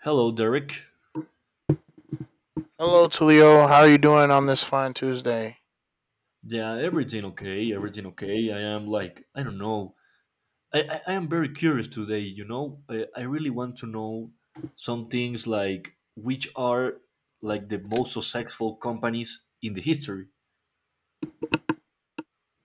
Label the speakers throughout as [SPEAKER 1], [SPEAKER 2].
[SPEAKER 1] Hello, Derek.
[SPEAKER 2] Hello, Tulio. How are you doing on this fine Tuesday?
[SPEAKER 1] Yeah, everything okay? Everything okay? I am like, I don't know. I am very curious today, you know? I really want to know some things like which are like the most successful companies in the history.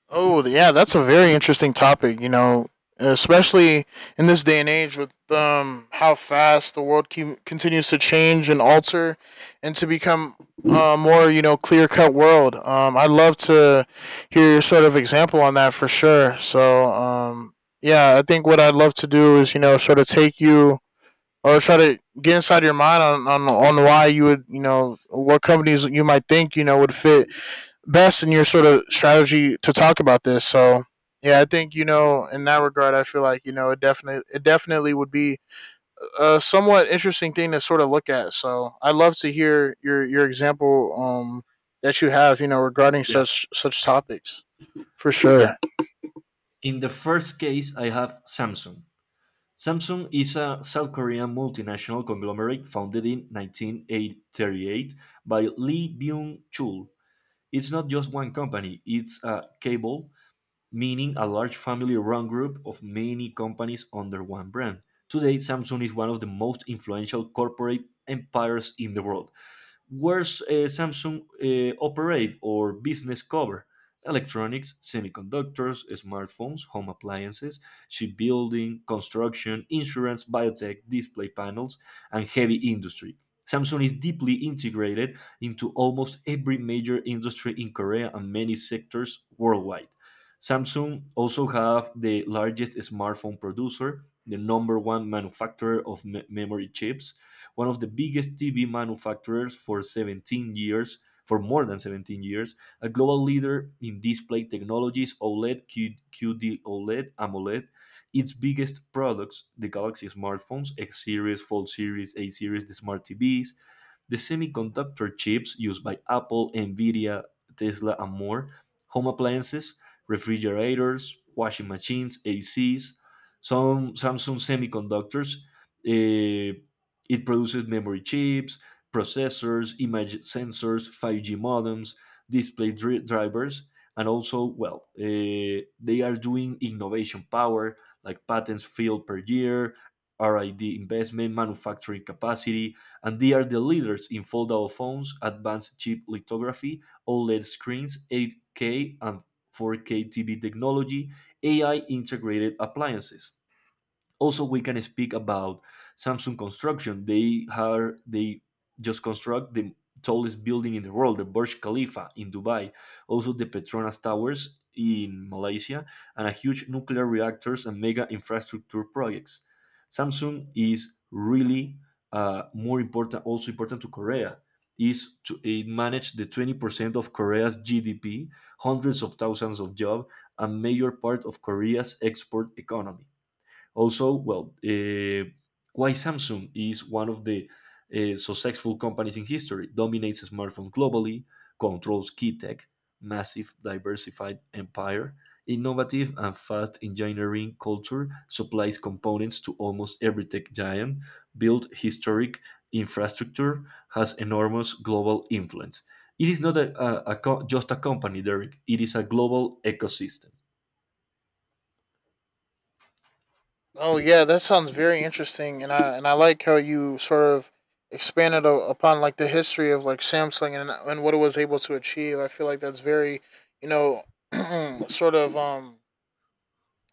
[SPEAKER 2] Oh, yeah, that's a very interesting topic, you know, especially in this day and age with how fast the world continues to change and alter and to become a more, you know, clear cut world. I'd love to hear your sort of example on that for sure. So, yeah, I think what I'd love to do is, you know, sort of take you or try to get inside your mind on why you would what companies you might think would fit best in your sort of strategy to talk about this. So yeah, I think you know in that regard, I feel like you know it definitely would be a somewhat interesting thing to sort of look at. So I'd love to hear your example that you have you know regarding
[SPEAKER 1] Yeah.
[SPEAKER 2] such topics for
[SPEAKER 1] Yeah.
[SPEAKER 2] sure.
[SPEAKER 1] In the first case, I have Samsung. Samsung is a South Korean multinational conglomerate founded in 1938 by Lee Byung Chul. It's not just one company, it's a cable, meaning a large family run group of many companies under one brand. Today, Samsung is one of the most influential corporate empires in the world. Where's Samsung operate or business cover? Electronics, semiconductors, smartphones, home appliances, shipbuilding, construction, insurance, biotech, display panels, and heavy industry. Samsung is deeply integrated into almost every major industry in Korea and many sectors worldwide. Samsung also have the largest smartphone producer, the number one manufacturer of memory chips, one of the biggest TV manufacturers for 17 years, for more than 17 years, a global leader in display technologies, OLED, QD OLED, AMOLED. Its biggest products, the Galaxy smartphones, X series, Fold series, A series, the smart TVs, the semiconductor chips used by Apple, Nvidia, Tesla, and more, home appliances, refrigerators, washing machines, ACs, some Samsung semiconductors. eh, it produces memory chips, processors, image sensors, 5G modems, drivers, and also, well, they are doing innovation power like patents filed per year, R&D investment, manufacturing capacity, and they are the leaders in foldable phones, advanced chip lithography, OLED screens, 8K and 4K TV technology, AI integrated appliances. Also we can speak about Samsung construction. They just construct the tallest building in the world, the Burj Khalifa in Dubai, also the Petronas Towers in Malaysia, and a huge nuclear reactors and mega infrastructure projects. Samsung is really more important, also important to Korea. Is to it manage the 20% of Korea's GDP, hundreds of thousands of jobs, a major part of Korea's export economy. Also, well, why Samsung is one of the successful companies in history: dominates smartphone globally, controls key tech, massive diversified empire, innovative and fast engineering culture, supplies components to almost every tech giant, built historic infrastructure, has enormous global influence. It is not just a company, Derek. It is a global ecosystem.
[SPEAKER 2] Oh yeah, that sounds very interesting, and I like how you sort of expanded upon like the history of like Samsung and what it was able to achieve. I feel like that's very, you know, sort of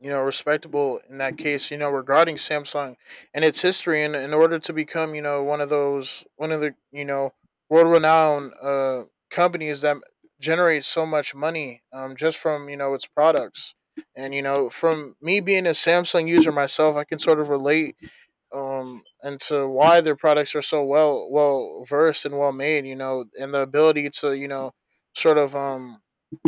[SPEAKER 2] respectable in that case, you know, regarding Samsung and its history. And in order to become, one of those, one of the, world renowned companies that generate so much money just from, its products. And, from me being a Samsung user myself, I can sort of relate into why their products are so well versed and well made, and the ability to, sort of,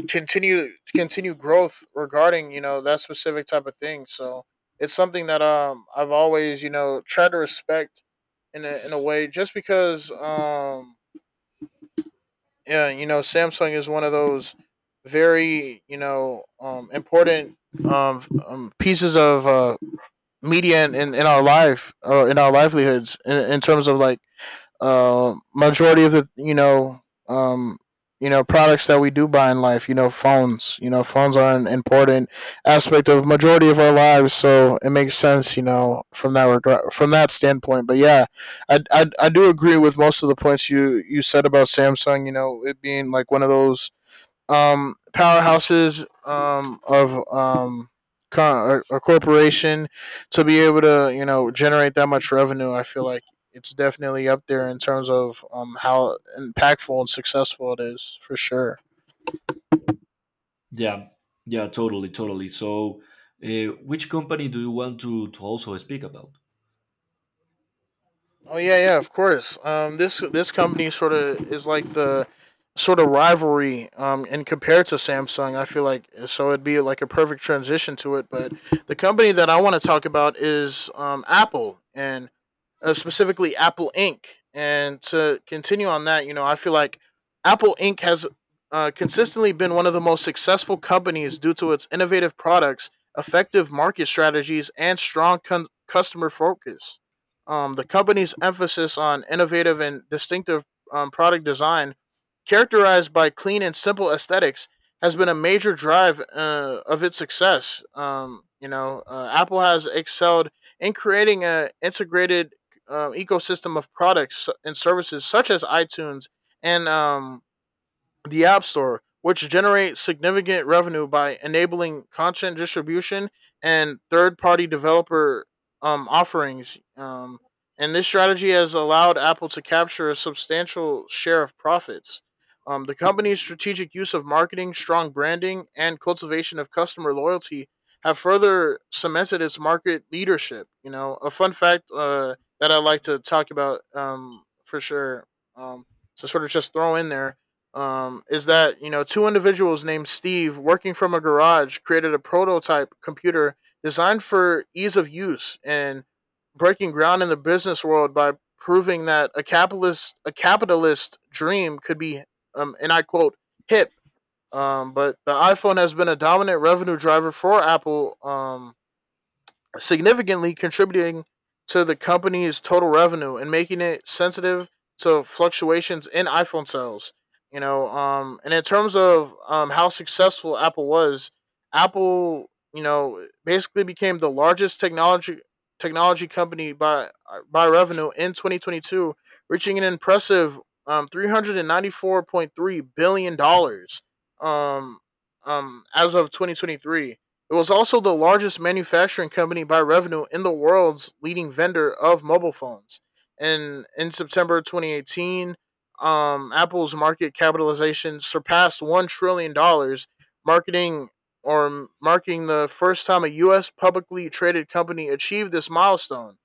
[SPEAKER 2] continue growth regarding that specific type of thing. So it's something that I've always tried to respect in a way, just because yeah, Samsung is one of those very important pieces of media in our life, or in our livelihoods, in terms of, like, majority of the um, products that we do buy in life. Phones you know phones are an important aspect of majority of our lives, so it makes sense from that regard, from that standpoint, but yeah, I do agree with most of the points you said about Samsung, you know, it being like one of those powerhouses, of a corporation to be able to, you know, generate that much revenue. I feel like it's definitely up there in terms of how impactful and successful it is for sure.
[SPEAKER 1] Yeah, yeah, totally, totally. So, which company do you want to also speak about?
[SPEAKER 2] Oh yeah, yeah, of course. This company sort of is like the sort of rivalry, and compared to Samsung, I feel like so it'd be like a perfect transition to it. But the company that I want to talk about is Apple, and specifically Apple Inc. And to continue on that, I feel like Apple Inc. has consistently been one of the most successful companies due to its innovative products, effective market strategies, and strong customer focus. The company's emphasis on innovative and distinctive product design, characterized by clean and simple aesthetics, has been a major drive of its success. Apple has excelled in creating a integrated ecosystem of products and services, such as iTunes and the App Store, which generates significant revenue by enabling content distribution and third-party developer offerings. And this strategy has allowed Apple to capture a substantial share of profits. The company's strategic use of marketing, strong branding, and cultivation of customer loyalty have further cemented its market leadership. You know, a fun fact that I like to talk about for sure, um, to sort of just throw in there, is that two individuals named Steve, working from a garage, created a prototype computer designed for ease of use and breaking ground in the business world by proving that a capitalist dream could be, and I quote, hip. But the iPhone has been a dominant revenue driver for Apple, significantly contributing to the company's total revenue and making it sensitive to fluctuations in iPhone sales. You know, and in terms of how successful Apple was, Apple, basically became the largest technology company by revenue in 2022, reaching an impressive, $394.3 billion, um, as of 2023. It was also the largest manufacturing company by revenue in the world's leading vendor of mobile phones. And in September 2018, Apple's market capitalization surpassed $1 trillion, marketing or marking the first time a U.S. publicly traded company achieved this milestone.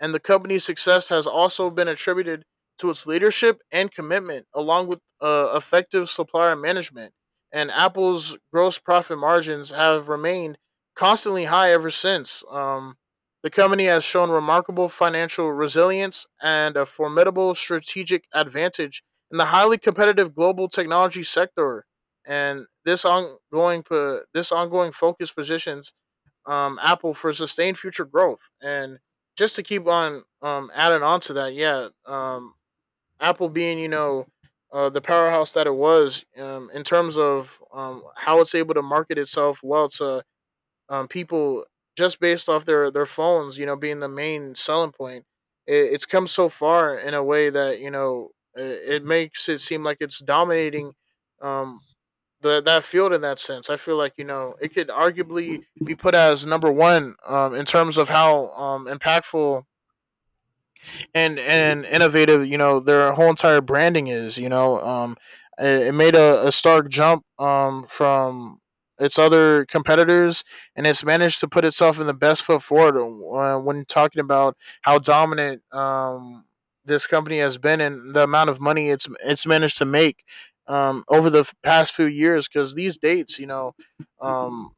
[SPEAKER 2] And the company's success has also been attributed to its leadership and commitment, along with effective supplier management. And Apple's gross profit margins have remained constantly high ever since. The company has shown remarkable financial resilience and a formidable strategic advantage in the highly competitive global technology sector. And this ongoing focus positions, Apple for sustained future growth. And just to keep on, adding on to that, yeah, Apple being, the powerhouse that it was, in terms of, how it's able to market itself well to, people just based off their phones, you know, being the main selling point. It's come so far in a way that it makes it seem like it's dominating, um, the that field in that sense. I feel like it could arguably be put as number one, in terms of how impactful and innovative You know, their whole entire branding is. You know, it made a stark jump from its other competitors, and it's managed to put itself in the best foot forward when talking about how dominant this company has been, and the amount of money it's managed to make over the past few years. Because these dates, um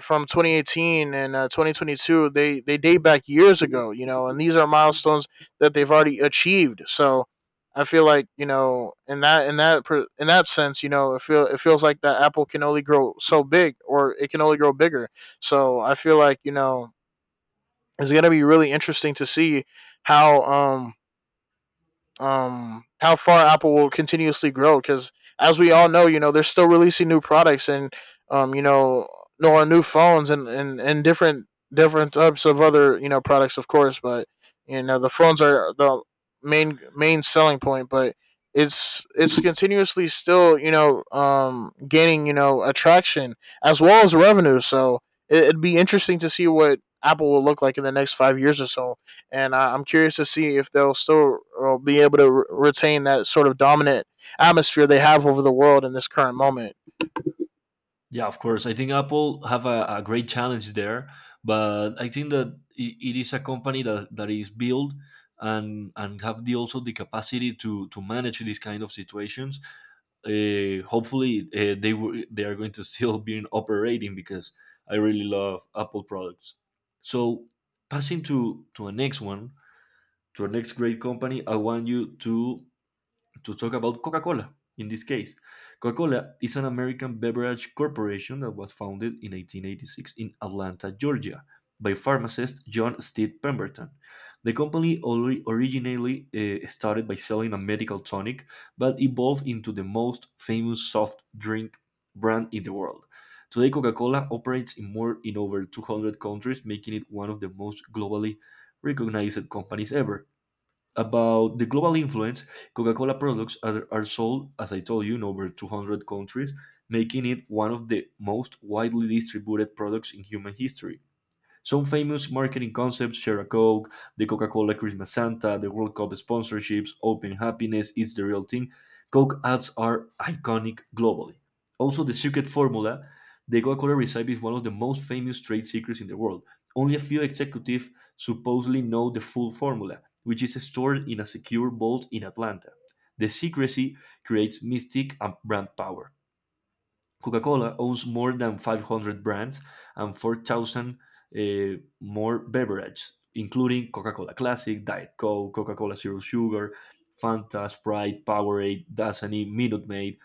[SPEAKER 2] from 2018 and 2022, they date back years ago, and these are milestones that they've already achieved. So I feel like in that sense, it feels like that Apple can only grow so big, or it can only grow bigger. So I feel like it's going to be really interesting to see how um how far Apple will continuously grow, because as we all know, they're still releasing new products and, um, you know, or new phones and different types of other, products, of course, but the phones are the main selling point. But it's continuously still, gaining, attraction as well as revenue. So it'd be interesting to see what Apple will look like in the next 5 years or so, and I'm curious to see if they'll still be able to retain that sort of dominant atmosphere they have over the world in this current moment.
[SPEAKER 1] Yeah, of course. I think Apple have a great challenge there, but I think that it is a company that, that is built and have the also the capacity to manage these kind of situations. Hopefully, they are going to still be in operating because I really love Apple products. So, passing to a next one, to our next great company, I want you to talk about Coca-Cola. In this case, Coca-Cola is an American beverage corporation that was founded in 1886 in Atlanta, Georgia, by pharmacist John Stead Pemberton. The company originally started by selling a medical tonic, but evolved into the most famous soft drink brand in the world. Today, Coca-Cola operates in more in over 200 countries, making it one of the most globally recognized companies ever. About the global influence, Coca Cola products are sold, as I told you, in over 200 countries, making it one of the most widely distributed products in human history. Some famous marketing concepts: share a Coke, the Coca Cola Christmas Santa, the World Cup sponsorships, open happiness, it's the real thing. Coke ads are iconic globally. Also, the secret formula, the Coca Cola recipe, is one of the most famous trade secrets in the world. Only a few executives supposedly know the full formula, which is stored in a secure vault in Atlanta. The secrecy creates mystique and brand power. Coca-Cola owns more than 500 brands and 4,000 uh, more beverages, including Coca-Cola Classic, Diet Coke, Coca-Cola Zero Sugar, Fanta, Sprite, Powerade, Dasani, Minute Maid,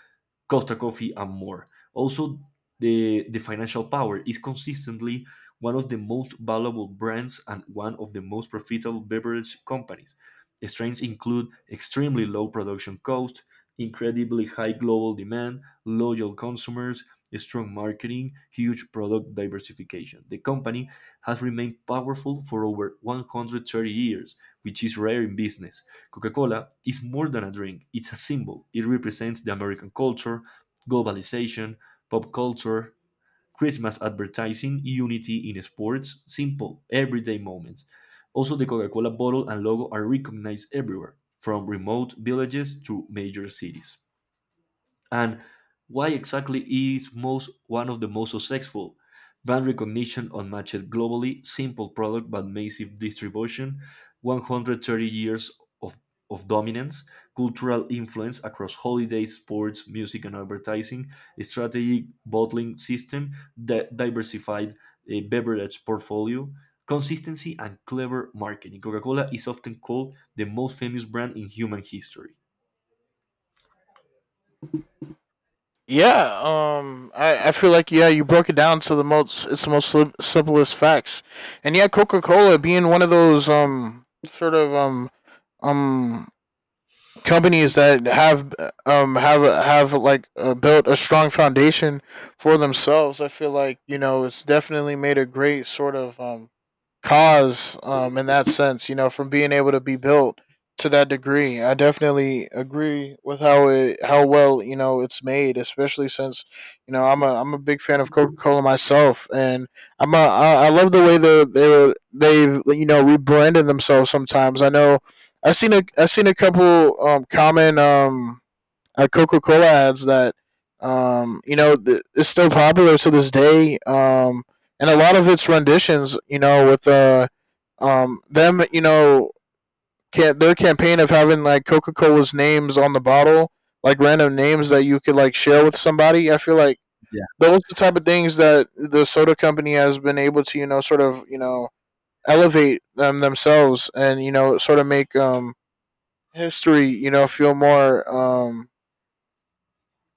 [SPEAKER 1] Costa Coffee, and more. Also, the financial power is consistently one of the most valuable brands and one of the most profitable beverage companies. The strengths include extremely low production cost, incredibly high global demand, loyal consumers, strong marketing, huge product diversification. The company has remained powerful for over 130 years, which is rare in business. Coca Cola is more than a drink, it's a symbol. It represents the American culture, globalization, pop culture, Christmas advertising, unity in sports, simple, everyday moments. Also, the Coca Cola bottle and logo are recognized everywhere, from remote villages to major cities. And why exactly is most one of the most successful: brand recognition unmatched globally, simple product but massive distribution, 130 years of, of dominance, cultural influence across holidays, sports, music and advertising, a strategic bottling system that diversified a beverage portfolio, consistency and clever marketing. Coca-Cola is often called the most famous brand in human history.
[SPEAKER 2] Yeah, I feel like, yeah, you broke it down to the most it's the most simplest facts, and yeah, Coca Cola being one of those sort of um companies that have built a strong foundation for themselves. I feel like it's definitely made a great sort of cause, in that sense, from being able to be built to that degree. I definitely agree with how well it's made, especially since I'm a big fan of Coca Cola myself, and I love the way they've rebranded themselves. Sometimes I know I seen a couple common Coca Cola ads that is still popular to this day, and a lot of its renditions, with them, can their campaign of having like Coca Cola's names on the bottle, like random names that you could like share with somebody. I feel like those are the type of things that the soda company has been able to, sort of, elevate themselves, and sort of make history, feel more um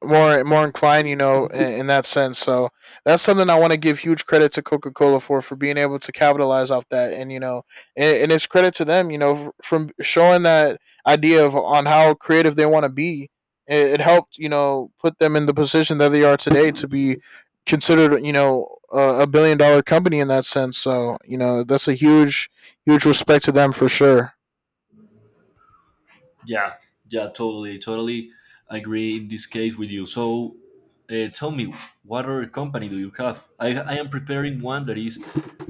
[SPEAKER 2] more more inclined, in that sense. So that's something I want to give huge credit to Coca Cola for being able to capitalize off that, and it's credit to them, you know, from showing that idea of on how creative they want to be. It helped, you know, put them in the position that they are today to be considered, you know, a billion dollar company in that sense. So you know, that's a huge respect to them for sure.
[SPEAKER 1] Yeah, yeah, totally, totally agree in this case with you. So, tell me, what other company do you have? I am preparing one that is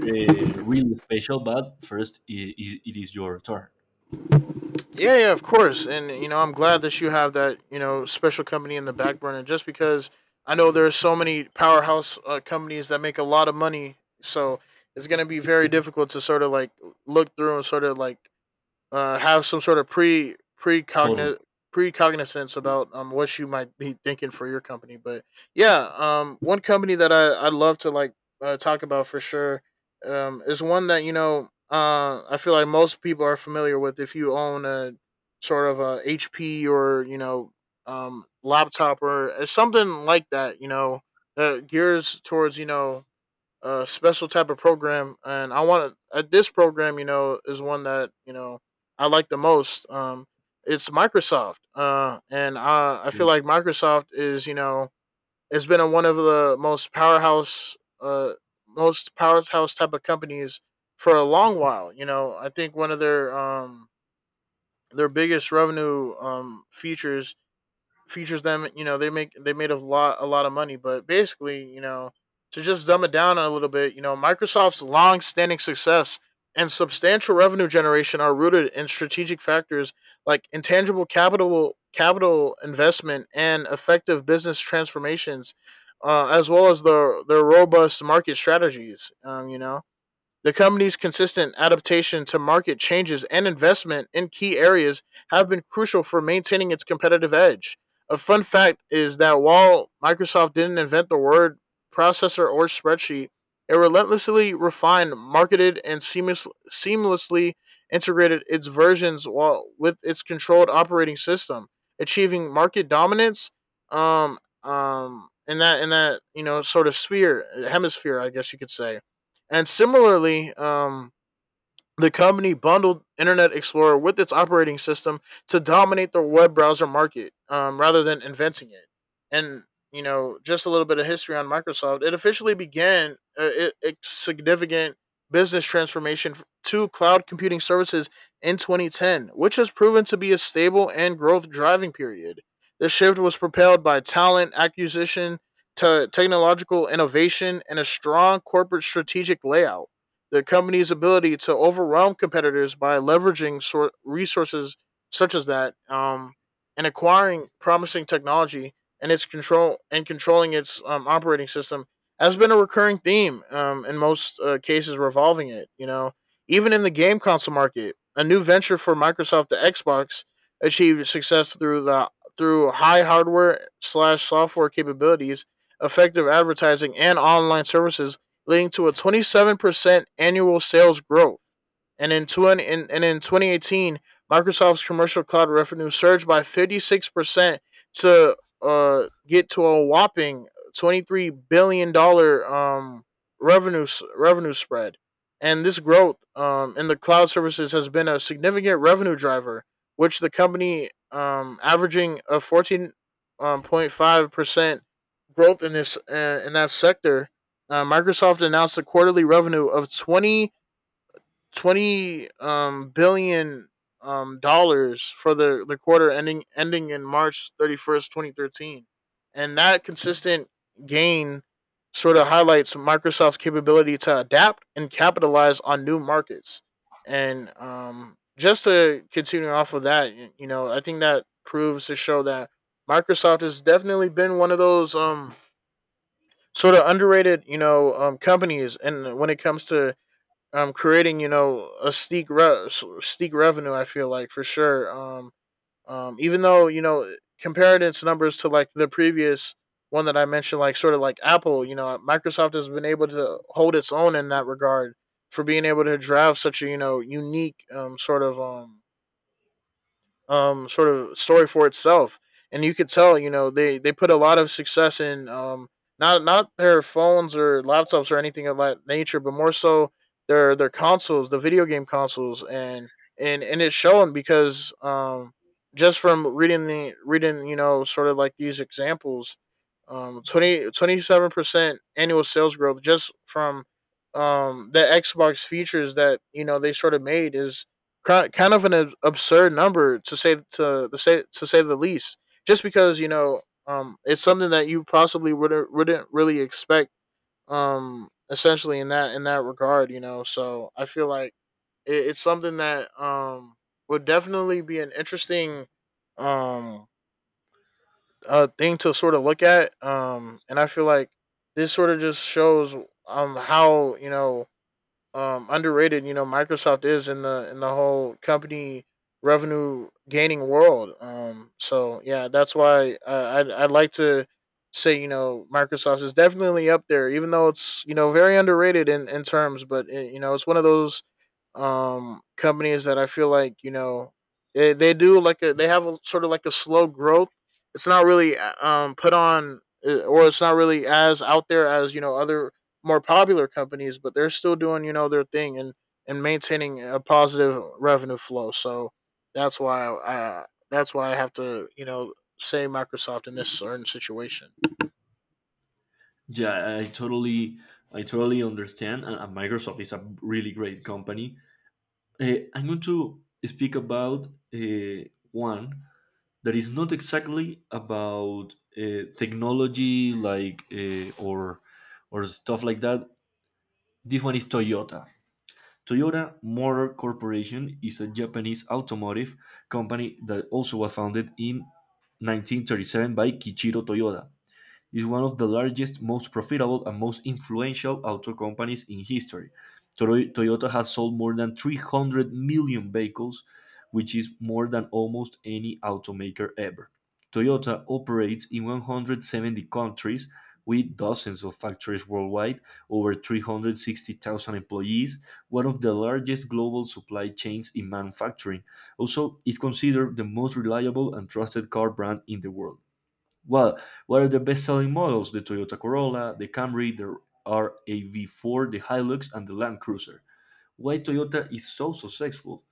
[SPEAKER 1] really special, but first it is your turn.
[SPEAKER 2] Yeah, yeah, of course. And you know, I'm glad that you have that you know special company in the back burner, just because I know there are so many powerhouse companies that make a lot of money. So it's going to be very difficult to sort of like look through and sort of like have some sort of pre
[SPEAKER 1] Totally.
[SPEAKER 2] precogniz precognizance about what you might be thinking for your company. But yeah, one company that I would love to like talk about for sure, is one that you know I feel like most people are familiar with if you own a sort of a HP or you know laptop or something like that. You know, that gears towards you know a special type of program, and I want to. At this program, you know, is one that you know I like the most. It's Microsoft, and I feel like Microsoft is you know it's been one of the most powerhouse, type of companies for a long while. You know, I think one of their biggest revenue features them. You know, they made a lot of money, but basically, you know, to just dumb it down a little bit, you know, Microsoft's long-standing success and substantial revenue generation are rooted in strategic factors like intangible capital investment and effective business transformations, as well as their robust market strategies. You know, the company's consistent adaptation to market changes and investment in key areas have been crucial for maintaining its competitive edge. A fun fact is that while Microsoft didn't invent the word processor or spreadsheet, it relentlessly refined, marketed, and seamlessly integrated its versions with its controlled operating system, achieving market dominance in that you know sort of sphere hemisphere, I guess you could say. And similarly, the company bundled Internet Explorer with its operating system to dominate the web browser market rather than inventing it. And, you know, just a little bit of history on Microsoft. It officially began significant business transformation to cloud computing services in 2010, which has proven to be a stable and growth driving period. The shift was propelled by talent acquisition, to technological innovation, and a strong corporate strategic layout the company's ability to overwhelm competitors by leveraging resources such as that and acquiring promising technology and its controlling its operating system has been a recurring theme in most cases revolving it you know even in the game console market, a new venture for Microsoft, the Xbox achieved success through the through high hardware slash software capabilities, effective advertising and online services, leading to a 27% annual sales growth. And in 2018, Microsoft's commercial cloud revenue surged by 56% to get to a whopping $23 billion dollars revenue, revenue spread. And this growth in the cloud services has been a significant revenue driver, which the company averaging a 14.5% growth in that sector. Uh, Microsoft announced a quarterly revenue of twenty billion dollars for the quarter ending in March 31st, 2013. And that consistent gain sort of highlights Microsoft's capability to adapt and capitalize on new markets. And just to continue off of that, you know, I think that proves to show that Microsoft has definitely been one of those sort of underrated, you know, companies. And when it comes to creating, you know, steak revenue, I feel like for sure. Even though you know comparing its numbers to like the previous one that I mentioned, like sort of like Apple, you know, Microsoft has been able to hold its own in that regard for being able to drive such a you know unique sort of story for itself. And you could tell, you know, they put a lot of success in not their phones or laptops or anything of that nature, but more so their consoles, the video game consoles, and it's shown because just from reading you know sort of like these examples, 27% annual sales growth just from the Xbox features that you know they sort of made is kind of an absurd number to say to say the least. Just because you know, it's something that you possibly wouldn't really expect. Essentially in that regard, you know. So I feel like it's something that would definitely be an interesting um thing to sort of look at. And I feel like this sort of just shows how you know underrated you know Microsoft is in the whole company revenue gaining world, so yeah that's why I'd like to say you know Microsoft is definitely up there, even though it's you know very underrated in terms, but you know it's one of those companies that I feel like you know they do like a they have a sort of like a slow growth. It's not really put on or it's not really as out there as you know other more popular companies, but they're still doing you know their thing and maintaining a positive revenue flow. So that's why I have to you know say Microsoft in this certain situation.
[SPEAKER 1] Yeah, I totally understand. And Microsoft is a really great company. I'm going to speak about one that is not exactly about technology like or stuff like that. This one is Toyota. Toyota Motor Corporation is a Japanese automotive company that also was founded in 1937 by Kiichiro Toyota. Is one of the largest, most profitable, and most influential auto companies in history. Toyota has sold more than 300 million vehicles, which is more than almost any automaker ever. Toyota operates in 170 countries with dozens of factories worldwide, over 360,000 employees, one of the largest global supply chains in manufacturing. Also, it's considered the most reliable and trusted car brand in the world. Well, what are the best-selling models? The Toyota Corolla, the Camry, the RAV4, the Hilux, and the Land Cruiser. Why Toyota is so successful?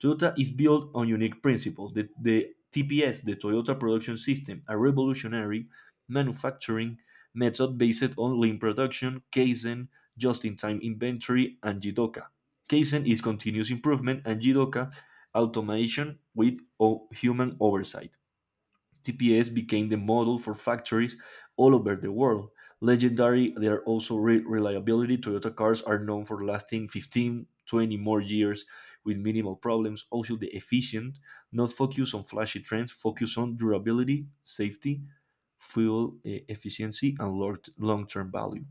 [SPEAKER 1] Toyota is built on unique principles. The TPS, the Toyota Production System, a revolutionary manufacturing method based on lean production, Kaizen, just-in-time inventory, and Jidoka. Kaizen is continuous improvement, and Jidoka automation with human oversight. TPS became the model for factories all over the world. Legendary, they are also reliability. Toyota cars are known for lasting 15, 20 more years with minimal problems. Also, the efficient, not focus on flashy trends, focus on durability, safety, fuel efficiency, and long term value.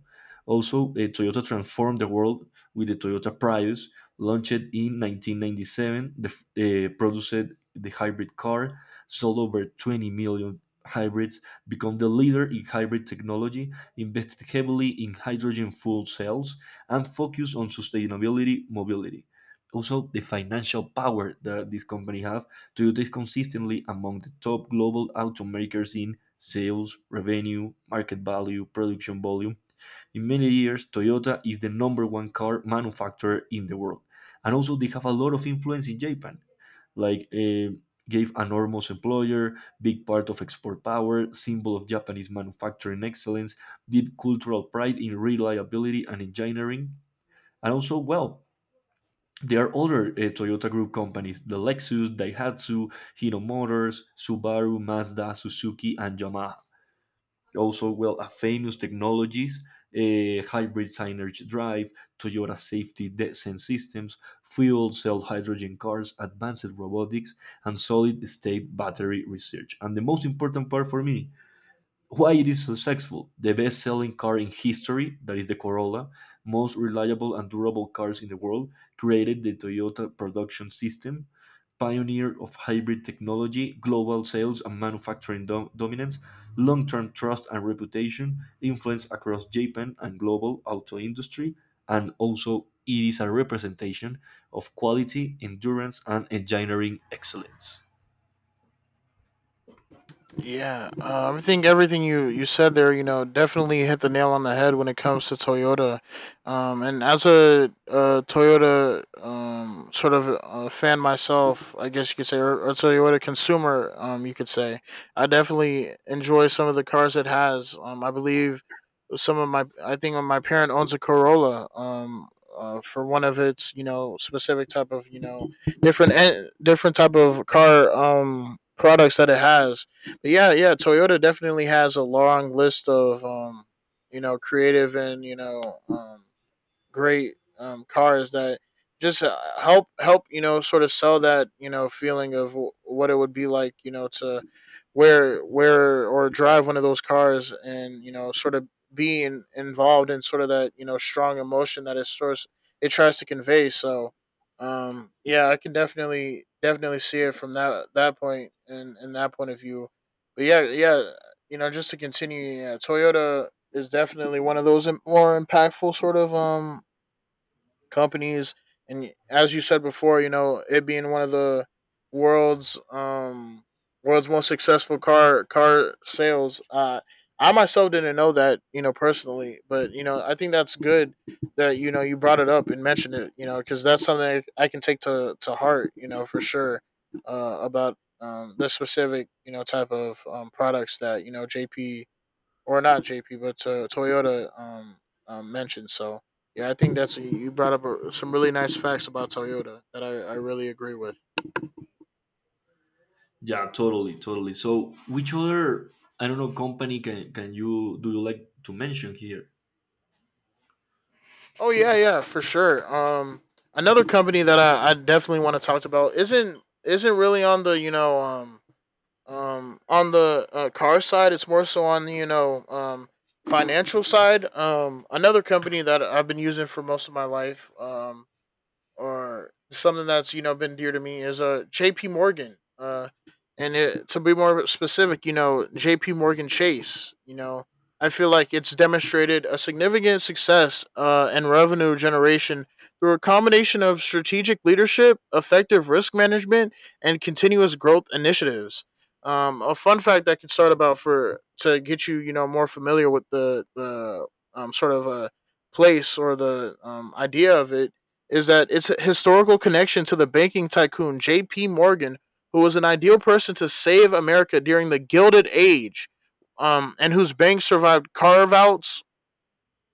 [SPEAKER 1] Also, Toyota transformed the world with the Toyota Prius, launched in 1997, produced the hybrid car, sold over 20 million hybrids, become the leader in hybrid technology, invested heavily in hydrogen fuel cells, and focused on sustainability mobility. Also, the financial power that this company have to do this consistently among the top global automakers in sales, revenue, market value, production volume. In many years, Toyota is the number one car manufacturer in the world. And also, they have a lot of influence in Japan, like gave an enormous employer, big part of export power, symbol of Japanese manufacturing excellence, deep cultural pride in reliability and engineering. And also, well, there are other Toyota Group companies, the Lexus, Daihatsu, Hino Motors, Subaru, Mazda, Suzuki, and Yamaha. Also, well, a famous technologies, a hybrid synergy drive, Toyota safety descent systems, fuel cell hydrogen cars, advanced robotics, and solid state battery research. And the most important part for me, why it is successful: the best-selling car in history, that is the Corolla, most reliable and durable cars in the world, created the Toyota production system, pioneer of hybrid technology, global sales and manufacturing dominance, long-term trust and reputation, influence across Japan and global auto industry, and also it is a representation of quality, endurance, and engineering excellence.
[SPEAKER 2] Yeah, I think everything you said there, you know, definitely hit the nail on the head when it comes to Toyota. And as a Toyota fan myself, I guess you could say, or Toyota consumer, you could say, I definitely enjoy some of the cars it has. I believe some of my I think my parent owns a Corolla for one of its you know specific type of you know different type of car products that it has, but yeah, yeah, Toyota definitely has a long list of you know creative and you know great cars that just help you know sort of sell that you know feeling of what it would be like you know to wear or drive one of those cars and you know sort of involved in sort of that you know strong emotion that it tries to convey. So yeah, I can definitely see it from that point and that point of view, but yeah, yeah, you know, just to continue, yeah, Toyota is definitely one of those more impactful sort of companies. And as you said before, you know it being one of the world's world's most successful car sales. I myself didn't know that, you know, personally, but you know, I think that's good that you know you brought it up and mentioned it, you know, because that's something I can take to heart, you know, for sure, about the specific, you know, type of products that you know JP or not JP, but to Toyota mentioned. So yeah, I think that's you brought up some really nice facts about Toyota that I really agree with.
[SPEAKER 1] Yeah, totally, totally. So, which other, I don't know, company can you like to mention here?
[SPEAKER 2] Oh yeah, yeah, for sure. Another company that I definitely want to talk about isn't really on the you know on the car side. It's more so on the you know financial side. Another company that I've been using for most of my life. Or something that's you know been dear to me is J.P. Morgan. And it, to be more specific, you know, J.P. Morgan Chase. You know, I feel like it's demonstrated a significant success and revenue generation through a combination of strategic leadership, effective risk management, and continuous growth initiatives. A fun fact I can start about for to get you, you know, more familiar with the sort of a place or the idea of it is that its a historical connection to the banking tycoon J.P. Morgan, who was an ideal person to save America during the Gilded Age, and whose banks survived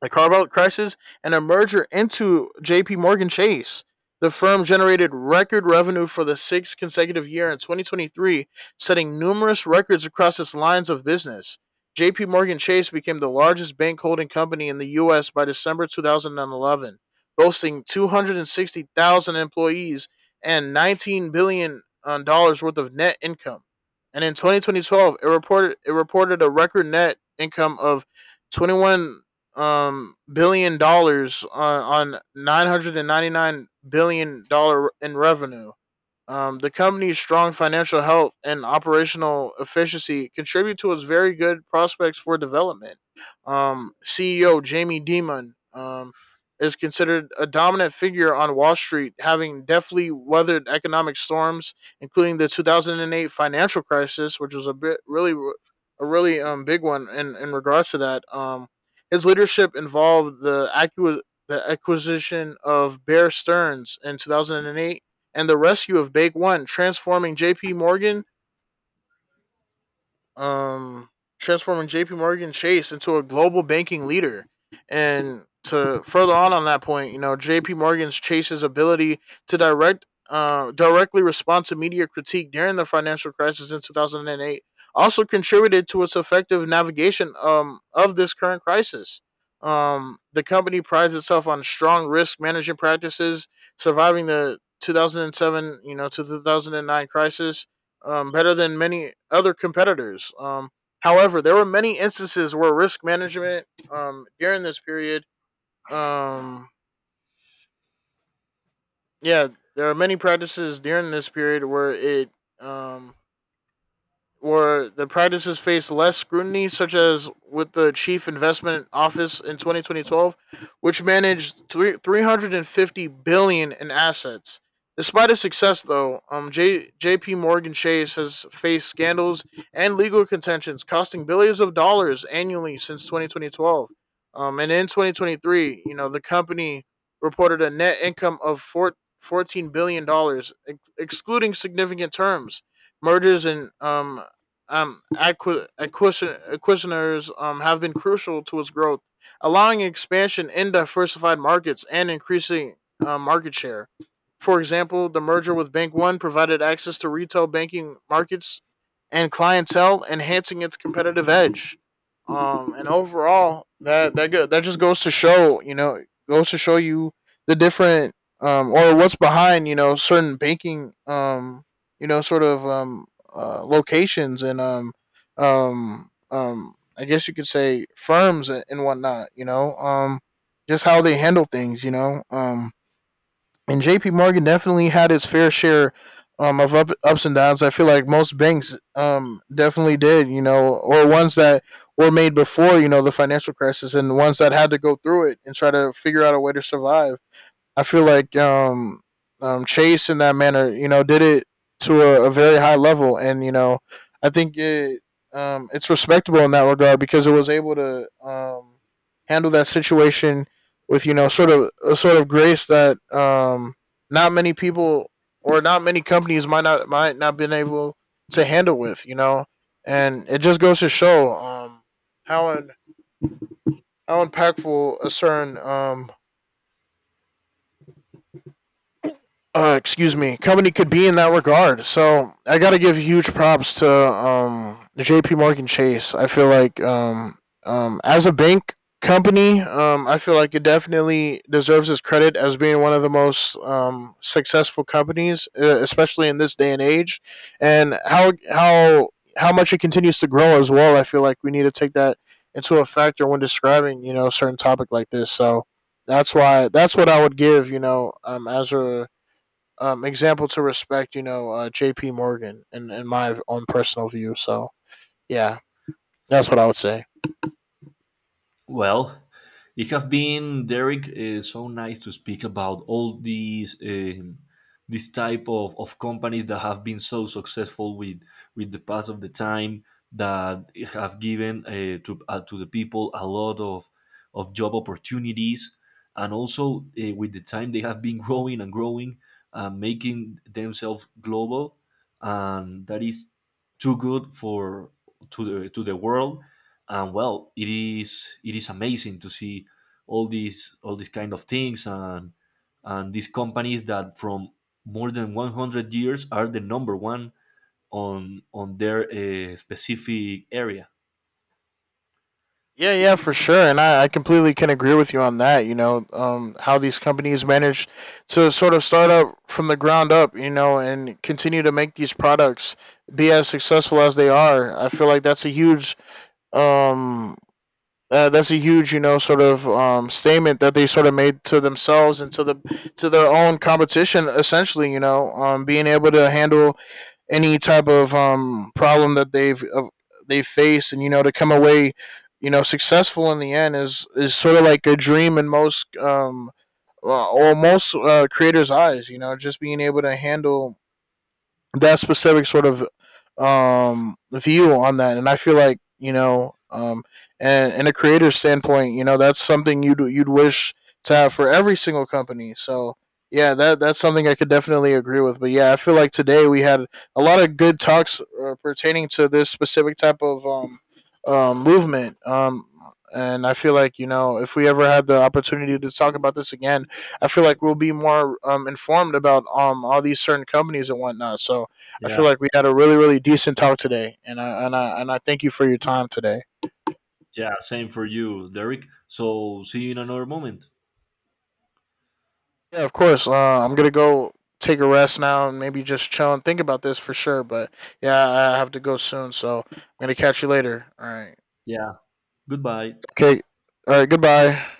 [SPEAKER 2] the carve out crashes and a merger into JP Morgan Chase. The firm generated record revenue for the sixth consecutive year in 2023, setting numerous records across its lines of business. JP Morgan Chase became the largest bank holding company in the US by December 2011, boasting 260,000 employees and 19 billion dollars worth of net income. And in 2012, it reported a record net income of 21 billion dollars on 999 billion dollar in revenue. Um, the company's strong financial health and operational efficiency contribute to its very good prospects for development. CEO Jamie Dimon is considered a dominant figure on Wall Street, having deftly weathered economic storms, including the 2008 financial crisis, which was a really big one in regards to that. His leadership involved the acquisition of Bear Stearns in 2008 and the rescue of Bank One, transforming JP Morgan um, transforming JP Morgan Chase into a global banking leader. And to further on that point, you know, JP Morgan's Chase's ability to directly respond to media critique during the financial crisis in 2008 also contributed to its effective navigation of this current crisis. The company prides itself on strong risk management practices, surviving the 2007, you know, to 2009 crisis, better than many other competitors. However, there were many instances where risk management during this period, um, yeah, there are many practices during this period where it um, or the practices face less scrutiny, such as with the Chief Investment Office in 2012, which managed 350 billion dollars in assets. Despite its success, though, J.P. Morgan Chase has faced scandals and legal contentions costing billions of dollars annually since 2012. And in 2023, you know, the company reported a net income of $14 billion dollars, excluding significant terms, mergers, and acquisitioners have been crucial to its growth, allowing expansion in diversified markets and increasing market share. For example, the merger with Bank One provided access to retail banking markets and clientele, enhancing its competitive edge. And overall, that just goes to show, you know, goes to show you the different or what's behind, you know, certain banking, you know, sort of um, locations and I guess you could say firms and whatnot. You know, just how they handle things. You know, and J.P. Morgan definitely had its fair share of ups and downs. I feel like most banks definitely did. You know, or ones that were made before you know the financial crisis and ones that had to go through it and try to figure out a way to survive. I feel like Chase in that manner, you know, did it to a very high level, and you know, I think it's respectable in that regard because it was able to handle that situation with you know sort of grace that not many people or not many companies might not been able to handle with you know, and it just goes to show how in, how impactful a certain excuse me, company could be in that regard. So I got to give huge props to J.P. Morgan Chase. I feel like as a bank company, I feel like it definitely deserves its credit as being one of the most successful companies, especially in this day and age, and how much it continues to grow as well. I feel like we need to take that into a factor when describing you know a certain topic like this. So that's what I would give you know as a example to respect, you know, J.P. Morgan, in my own personal view. So, yeah, that's what I would say.
[SPEAKER 1] Well, you have been, Derek. So nice to speak about all these this type of companies that have been so successful with the pass of the time, that have given to the people a lot of job opportunities, and also with the time they have been growing and growing, making themselves global, and that is too good for to the world. And well, it is, it is amazing to see all these, all these kind of things, and these companies that from more than 100 years are the number one on their specific area.
[SPEAKER 2] Yeah, yeah, for sure. And I completely can agree with you on that. You know, how these companies manage to sort of start up from the ground up, you know, and continue to make these products be as successful as they are. I feel like um that's a huge, you know, sort of statement that they sort of made to themselves and to their own competition. Essentially, you know, being able to handle any type of problem that they faced, and you know, to come away, you know, successful in the end is sort of like a dream in most or most creators' eyes. You know, just being able to handle that specific sort of view on that, and I feel like you know and in a creator's standpoint, you know, that's something you'd wish to have for every single company. So yeah, that's something I could definitely agree with. But yeah, I feel like today we had a lot of good talks pertaining to this specific type of movement, and I feel like you know if we ever had the opportunity to talk about this again, I feel like we'll be more informed about all these certain companies and whatnot. So I
[SPEAKER 1] Yeah,
[SPEAKER 2] feel like we had a really, really decent talk today, and I thank you for your time today.
[SPEAKER 1] yeah, same for you, Derek. So see you in another moment.
[SPEAKER 2] Yeah, of course. I'm gonna go take a rest now and maybe just chill and think about this for sure. But yeah, I have to go soon, so I'm gonna catch you later. All right.
[SPEAKER 1] Yeah, goodbye.
[SPEAKER 2] Okay. All right. Goodbye.